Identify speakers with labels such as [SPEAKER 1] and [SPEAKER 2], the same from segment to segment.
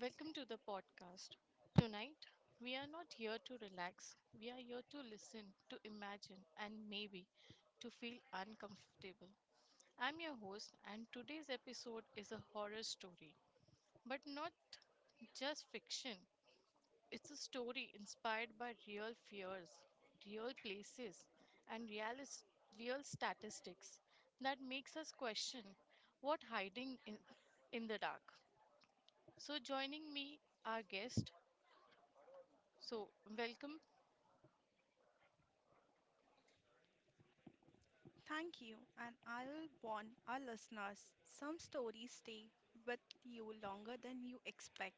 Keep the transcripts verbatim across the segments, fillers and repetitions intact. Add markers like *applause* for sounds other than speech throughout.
[SPEAKER 1] Welcome to the podcast. Tonight, we are not here to relax. We are here to listen, to imagine, and maybe to feel uncomfortable. I'm your host, and today's episode is a horror story, but not just fiction. It's a story inspired by real fears, real places, and real, real statistics that makes us question what hiding in, in the dark. So, joining me, our guest. So, Welcome.
[SPEAKER 2] Thank you, and I'll warn our listeners some stories stay with you longer than you expect.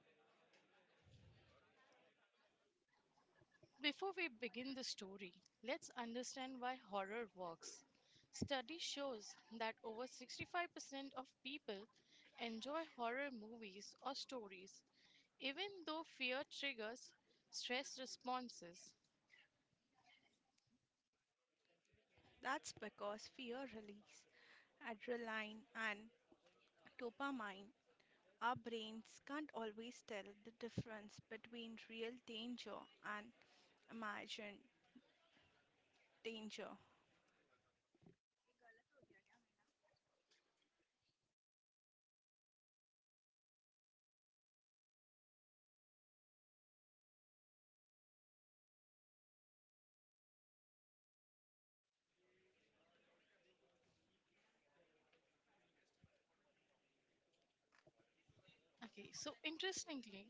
[SPEAKER 1] Before we begin the story, let's understand why horror works. Study shows that over sixty-five percent of people enjoy horror movies or stories, even though fear triggers stress responses.
[SPEAKER 2] That's because fear release adrenaline and dopamine. Our brains can't always tell the difference between real danger and imagined danger.
[SPEAKER 1] Okay, so interestingly,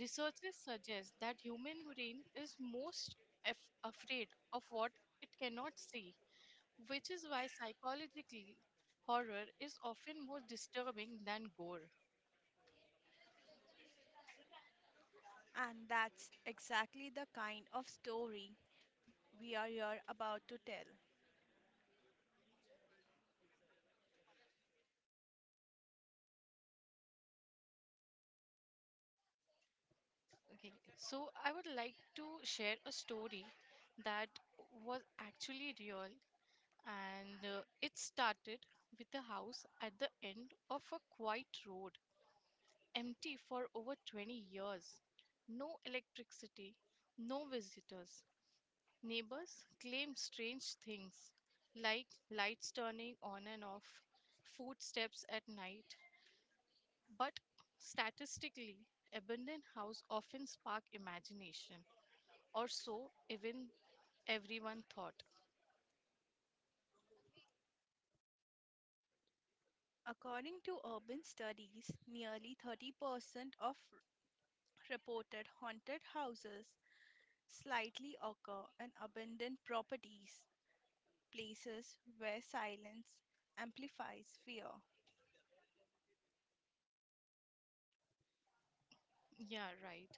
[SPEAKER 1] researchers suggest that human brain is most af- afraid of what it cannot see, which is why psychologically horror is often more disturbing than gore.
[SPEAKER 2] And that's exactly the kind of story we are here about to tell.
[SPEAKER 1] Okay, so I would like to share a story that was actually real, and uh, it started with a house at the end of a quiet road, empty for over twenty years. No electricity, no visitors. Neighbors claimed strange things like lights turning on and off, footsteps at night. But statistically, abandoned house often spark imagination, or so even everyone thought.
[SPEAKER 2] According to urban studies, nearly thirty percent of reported haunted houses slightly occur in abandoned properties, places where silence amplifies fear.
[SPEAKER 1] Yeah, right.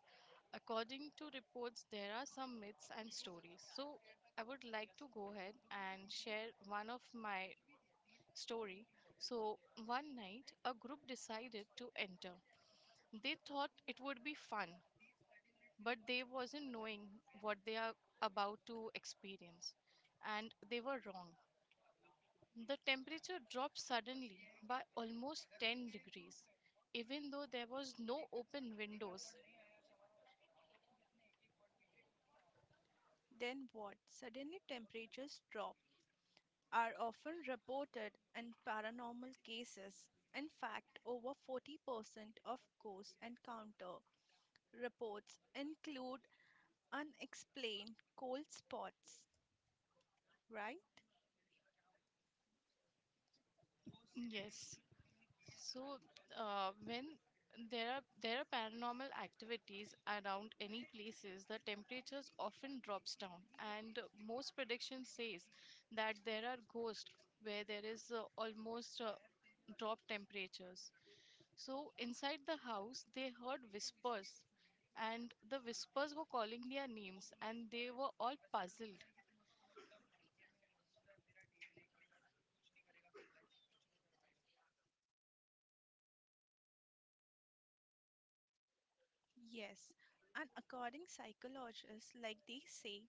[SPEAKER 1] According to reports, there are some myths and stories. So I would like to go ahead and share one of my story. So one night, a group decided to enter. They thought it would be fun, but they wasn't knowing what they are about to experience, and they were wrong. The temperature dropped suddenly by almost ten degrees, even though there was no open windows.
[SPEAKER 2] Then what? Suddenly temperatures drop are often reported in paranormal cases. In fact, over forty percent of ghost encounter reports include unexplained cold spots, right?
[SPEAKER 1] Yes. So, uh, when there are there are paranormal activities around any places, the temperatures often drops down, and most prediction says that there are ghosts where there is uh, almost uh, drop temperatures. So inside the house, they heard whispers, and the whispers were calling their names, and they were all puzzled.
[SPEAKER 2] Yes. And according psychologists, like they say,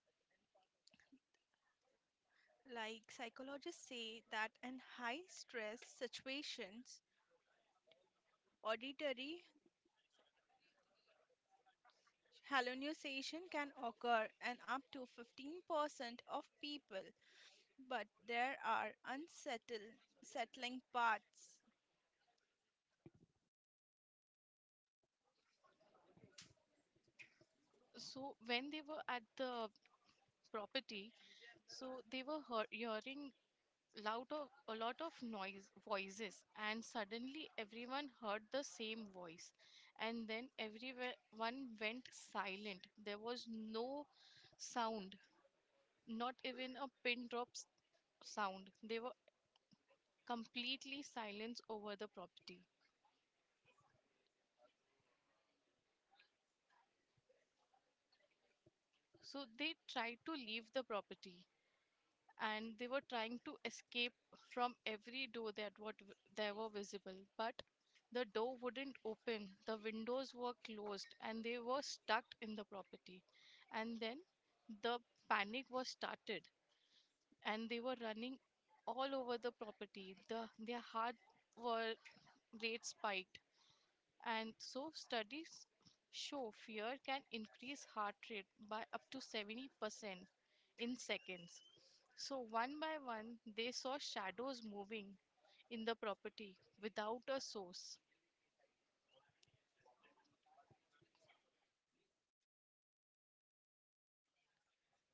[SPEAKER 2] like psychologists say that in high stress situations, auditory hallucination can occur in up to fifteen percent of people, but there are unsettled settling parts.
[SPEAKER 1] So when they were at the property, so they were hear- hearing loud of a lot of noise voices, and suddenly everyone heard the same voice, and then everyone went silent. There was no sound, not even a pin drop s- sound. They were completely silent over the property. So they tried to leave the property and they were trying to escape from every door that what w- they were visible, but the door wouldn't open, the windows were closed, and they were stuck in the property. And then the panic was started and they were running all over the property, the their heart were rate spiked. And so studies show fear can increase heart rate by up to seventy percent in seconds. So one by one they saw shadows moving in the property without a source.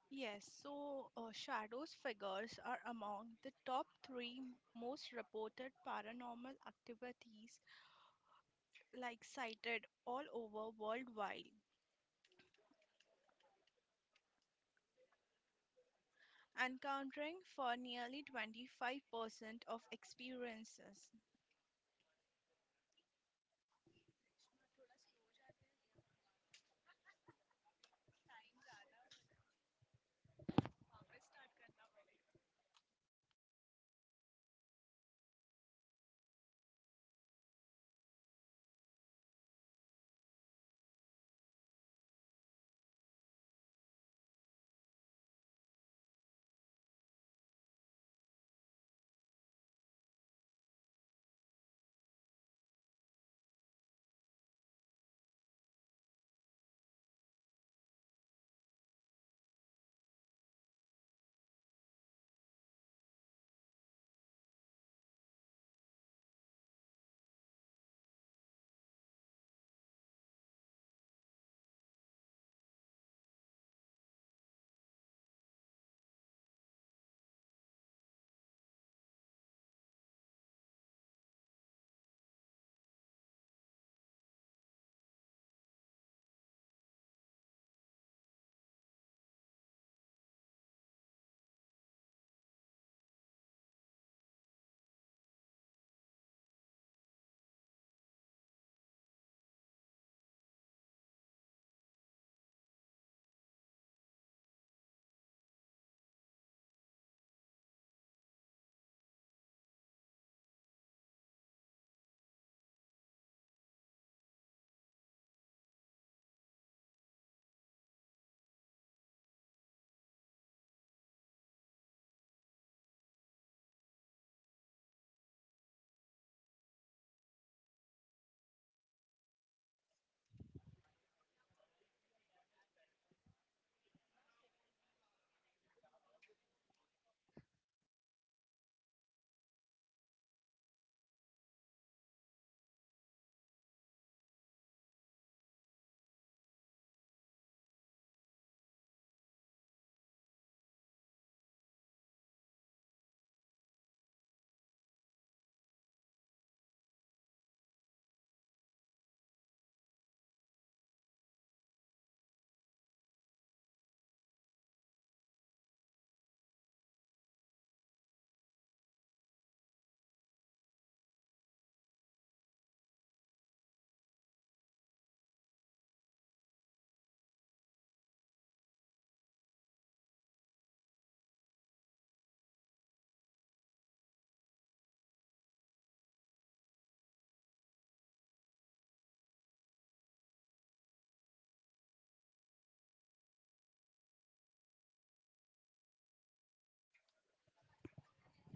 [SPEAKER 2] Yes, so uh, shadows figures are among the top three most reported paranormal activities, like cited all over worldwide, encountering for nearly twenty-five percent of experiences.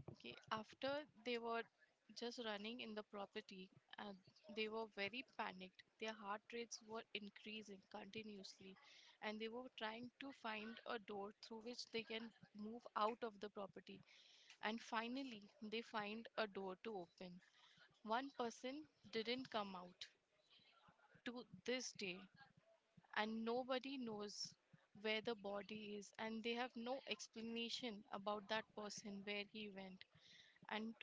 [SPEAKER 1] Okay, after they were just running in the property and they were very panicked. Their heart rates were increasing continuously and they were trying to find a door through which they can move out of the property. And finally, they find a door to open. One person didn't come out to this day, and nobody knows where the body is, and they have no explanation about that person, where he went. And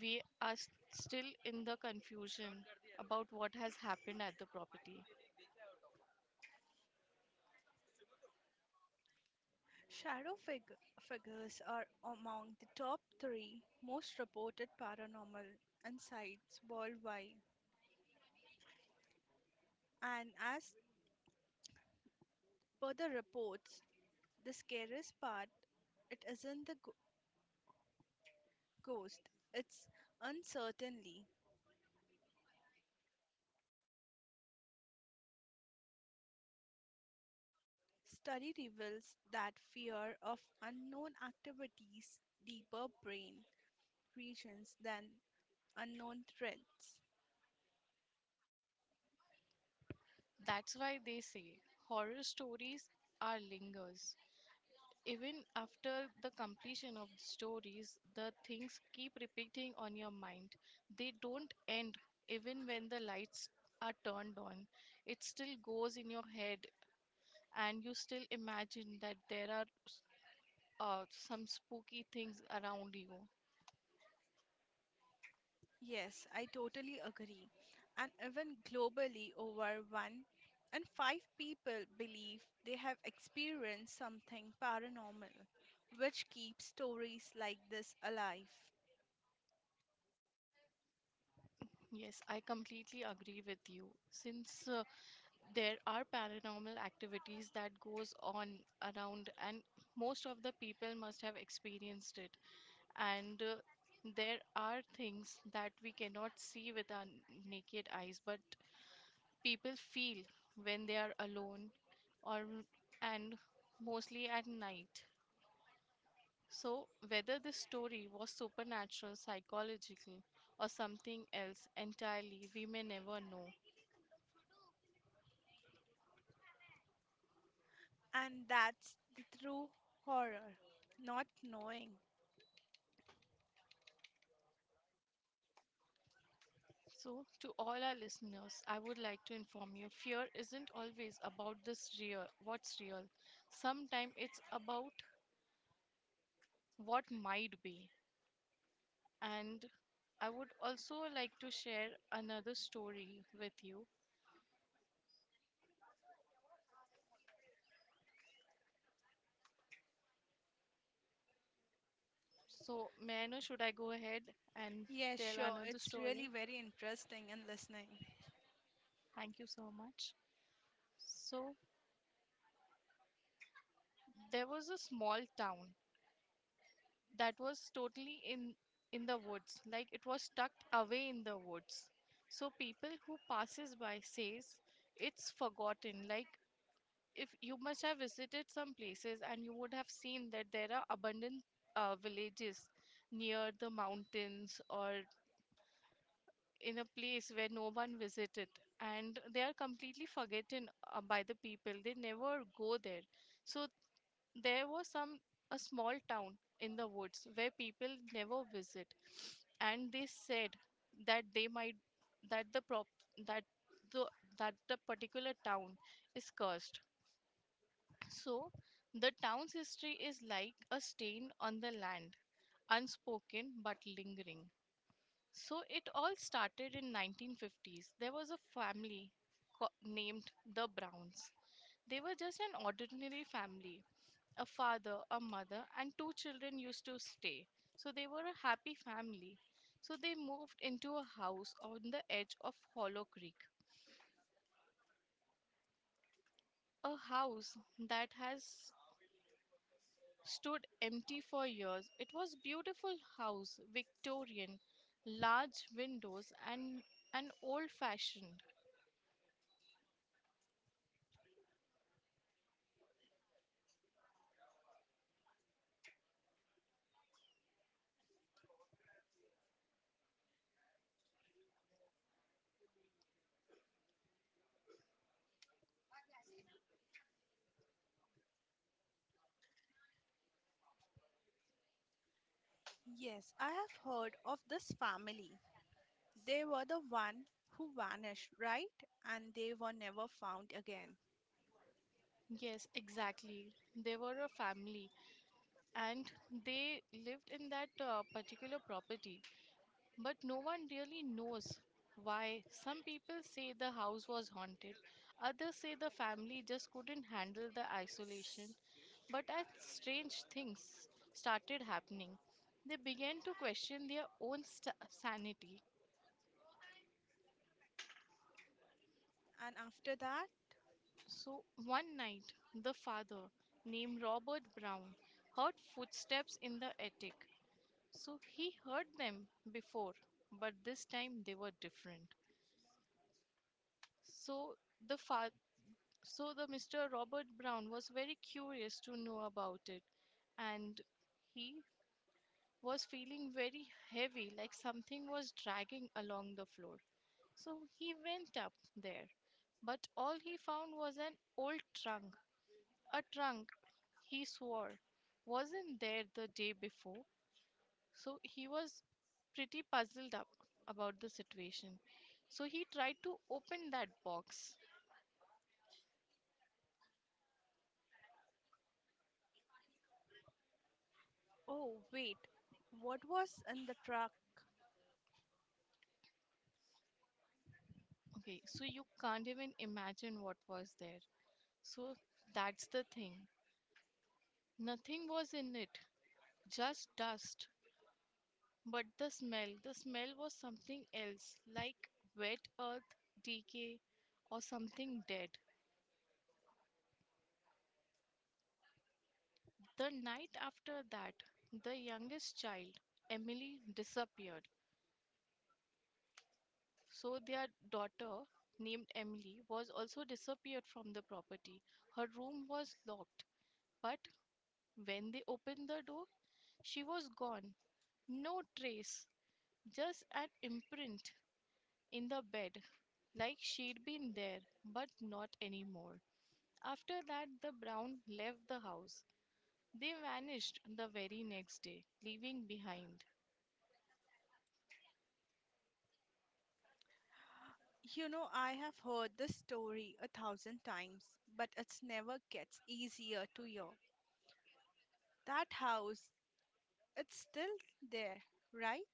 [SPEAKER 1] we are s- still in the confusion about what has happened at the property.
[SPEAKER 2] Shadow fig- figures are among the top three most reported paranormal insights worldwide. And as per the reports, the scariest part it isn't the go- ghost, it's uncertainty. Study reveals that fear of unknown activities deeper brain regions than unknown threats.
[SPEAKER 1] That's why they say horror stories are lingers. Even after the completion of the stories, the things keep repeating on your mind. They don't end even when the lights are turned on. It still goes in your head, and you still imagine that there are uh, some spooky things around you.
[SPEAKER 2] Yes, I totally agree. And even globally, over one in five people believe they have experienced something paranormal, which keeps stories like this alive.
[SPEAKER 1] Yes, I completely agree with you. Since uh, there are paranormal activities that goes on around, and most of the people must have experienced it. And uh, there are things that we cannot see with our n- naked eyes, but people feel when they are alone, or and mostly at night. So whether this story was supernatural, psychological, or something else entirely, we may never know.
[SPEAKER 2] And that's the true horror, not knowing.
[SPEAKER 1] So to all our listeners, I would like to inform you fear isn't always about this real what's real. Sometimes it's about what might be. And I would also like to share another story with you. So, may I know, should I go ahead and
[SPEAKER 2] Yes,
[SPEAKER 1] tell
[SPEAKER 2] sure,
[SPEAKER 1] another
[SPEAKER 2] it's really
[SPEAKER 1] story?
[SPEAKER 2] very interesting and listening.
[SPEAKER 1] Thank you so much. So, there was a small town that was totally in in the woods, like it was tucked away in the woods. So people who passes by says it's forgotten. Like, if you must have visited some places and you would have seen that there are abundant uh, villages near the mountains, or in a place where no one visited, and they are completely forgotten uh, by the people, they never go there. So there was some a small town in the woods where people never visit, and they said that they might that the prop that the that the particular town is cursed. So, the town's history is like a stain on the land, unspoken but lingering. So, it all started in nineteen fifties. There was a family co- named the Browns. They were just an ordinary family. A father, a mother, and two children used to stay. So, they were a happy family. So, they moved into a house on the edge of Hollow Creek. A house that has stood empty for years. It was beautiful house, Victorian, large windows, and and old fashioned.
[SPEAKER 2] Yes, I have heard of this family. They were the one who vanished, right? And they were never found again.
[SPEAKER 1] Yes, exactly. They were a family and they lived in that uh, particular property. But no one really knows why. Some people say the house was haunted, others say the family just couldn't handle the isolation. But as strange things started happening, they began to question their own st- sanity.
[SPEAKER 2] And after that,
[SPEAKER 1] So one night, the father, named Robert Brown, heard footsteps in the attic. So he heard them before, but this time they were different. So the fa- So the Mister Robert Brown was very curious to know about it, and he was feeling very heavy, like something was dragging along the floor. So he went up there, but all he found was an old trunk, a trunk he swore wasn't there the day before. So he was pretty puzzled up about the situation. So he tried to open that box.
[SPEAKER 2] oh, wait. What was in the truck?
[SPEAKER 1] Okay, so you can't even imagine what was there. So that's the thing. Nothing was in it, just dust. But the smell, the smell was something else, like wet earth, decay, or something dead. The night after that, the youngest child, Emily, disappeared. So their daughter, named Emily, was also disappeared from the property. Her room was locked, but when they opened the door, she was gone. No trace, just an imprint in the bed, like she'd been there, but not anymore. After that, the Brown left the house. They vanished the very next day, leaving behind.
[SPEAKER 2] You know, I have heard this story a thousand times, but it's never gets easier to hear. That house, it's still there, right?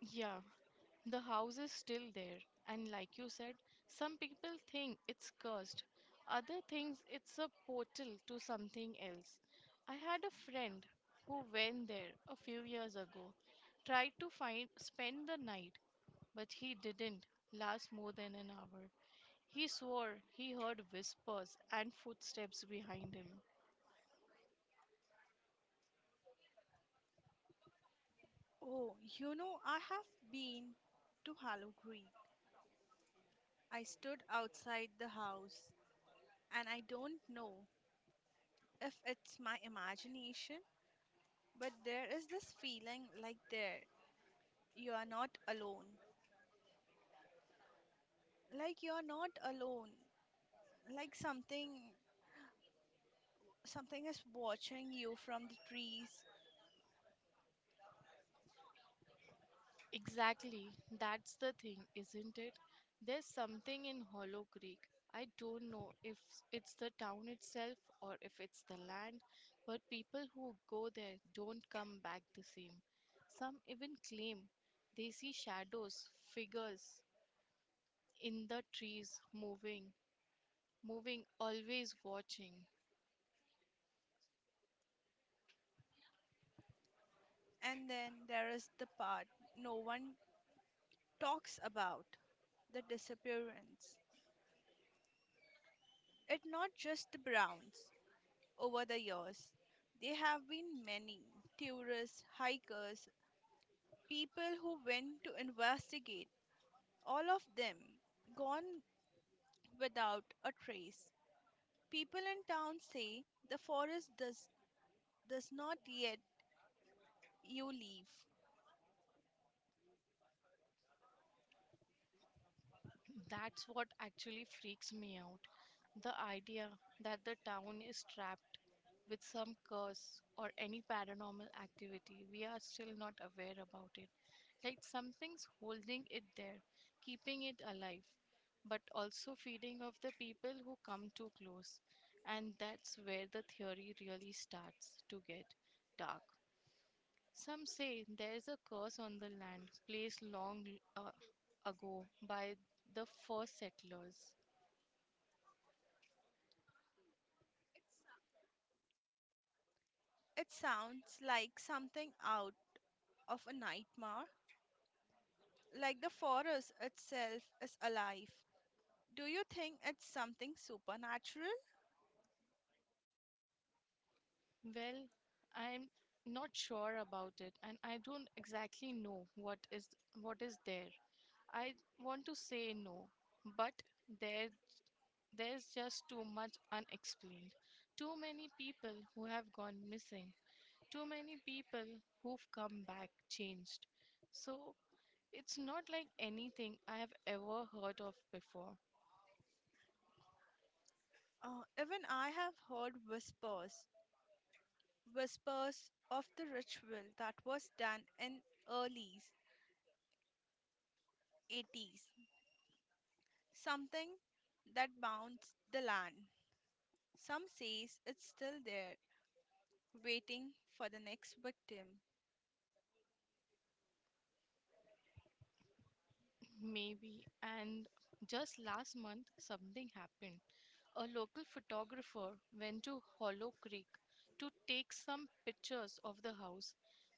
[SPEAKER 1] Yeah, the house is still there. And like you said, some people think it's cursed, other thinks it's a portal to something else. I had a friend who went there a few years ago, tried to find spend the night, but he didn't last more than an hour. He swore he heard whispers and footsteps behind him.
[SPEAKER 2] Oh, you know, I have been to Hollow Creek. I stood outside the house, and I don't know if it's my imagination, but there is this feeling like there you are not alone. Like you're not alone. Like something something is watching you from the trees.
[SPEAKER 1] Exactly, that's the thing, isn't it? There's something in Hollow Creek. I don't know if it's the town itself or if it's the land, but people who go there don't come back the same. Some even claim they see shadows, figures in the trees moving, moving, always watching.
[SPEAKER 2] And then there is the part no one talks about, the disappearance. It not just the Browns. Over the years there have been many tourists, hikers, people who went to investigate, all of them gone without a trace. People in town say the forest does does not yet you leave.
[SPEAKER 1] That's what actually freaks me out. The idea that the town is trapped with some curse or any paranormal activity, we are still not aware about it. Like something's holding it there, keeping it alive, but also feeding off the people who come too close. And that's where the theory really starts to get dark. Some say there is a curse on the land placed long uh, ago by the first settlers.
[SPEAKER 2] It sounds like something out of a nightmare? Like the forest itself is alive. Do you think it's something supernatural?
[SPEAKER 1] Well, I'm not sure about it, and I don't exactly know what is what is there. I want to say no, but there there's just too much unexplained. Too many people who have gone missing. Too many people who've come back changed. So it's not like anything I have ever heard of before.
[SPEAKER 2] Uh, even I have heard whispers, whispers of the ritual that was done in early eighties, something that bounds the land. Some says it's still there, waiting for the next victim.
[SPEAKER 1] *clears throat* Maybe. And just last month, something happened. A local photographer went to Hollow Creek to take some pictures of the house,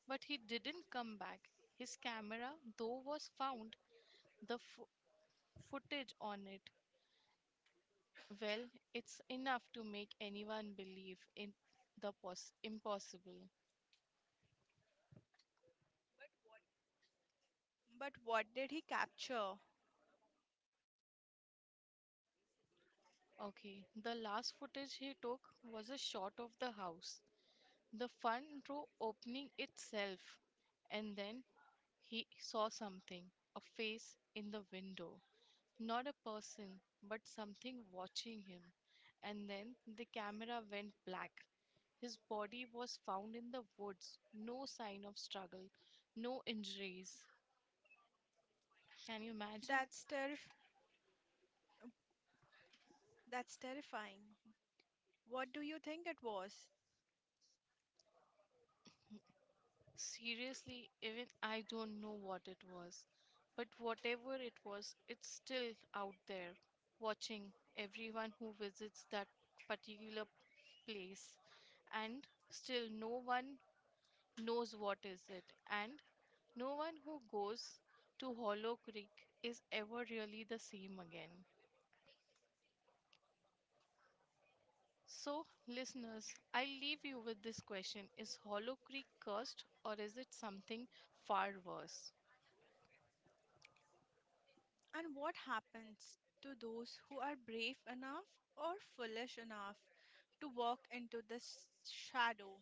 [SPEAKER 1] but he didn't come back. His camera, though, was found, the fo- footage on it. Well, it's enough to make anyone believe in the pos- impossible.
[SPEAKER 2] But what did he capture?
[SPEAKER 1] Okay, the last footage he took was a shot of the house. The front row opening itself, and then he saw something, a face in the window. Not a person, but something watching him. And then the camera went black. His body was found in the woods. No sign of struggle, no injuries. Can you imagine?
[SPEAKER 2] That's terrif- that's terrifying. What do you think it was?
[SPEAKER 1] Seriously, even I don't know what it was. But whatever it was, it's still out there, watching everyone who visits that particular place. And still, no one knows what is it. And no one who goes to Hollow Creek is ever really the same again. So, listeners, I leave you with this question: Is Hollow Creek cursed, or is it something far worse?
[SPEAKER 2] And what happens to those who are brave enough or foolish enough to walk into this shadow?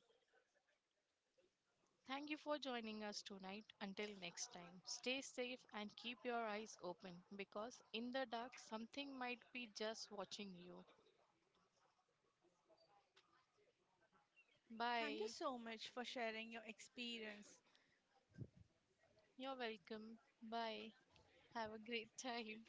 [SPEAKER 1] Thank you for joining us tonight. Until next time, stay safe and keep your eyes open, because in the dark, something might be just watching you.
[SPEAKER 2] Thank you
[SPEAKER 1] Bye.
[SPEAKER 2] so much for sharing your experience.
[SPEAKER 1] You're welcome. Bye. Have a great *laughs* time.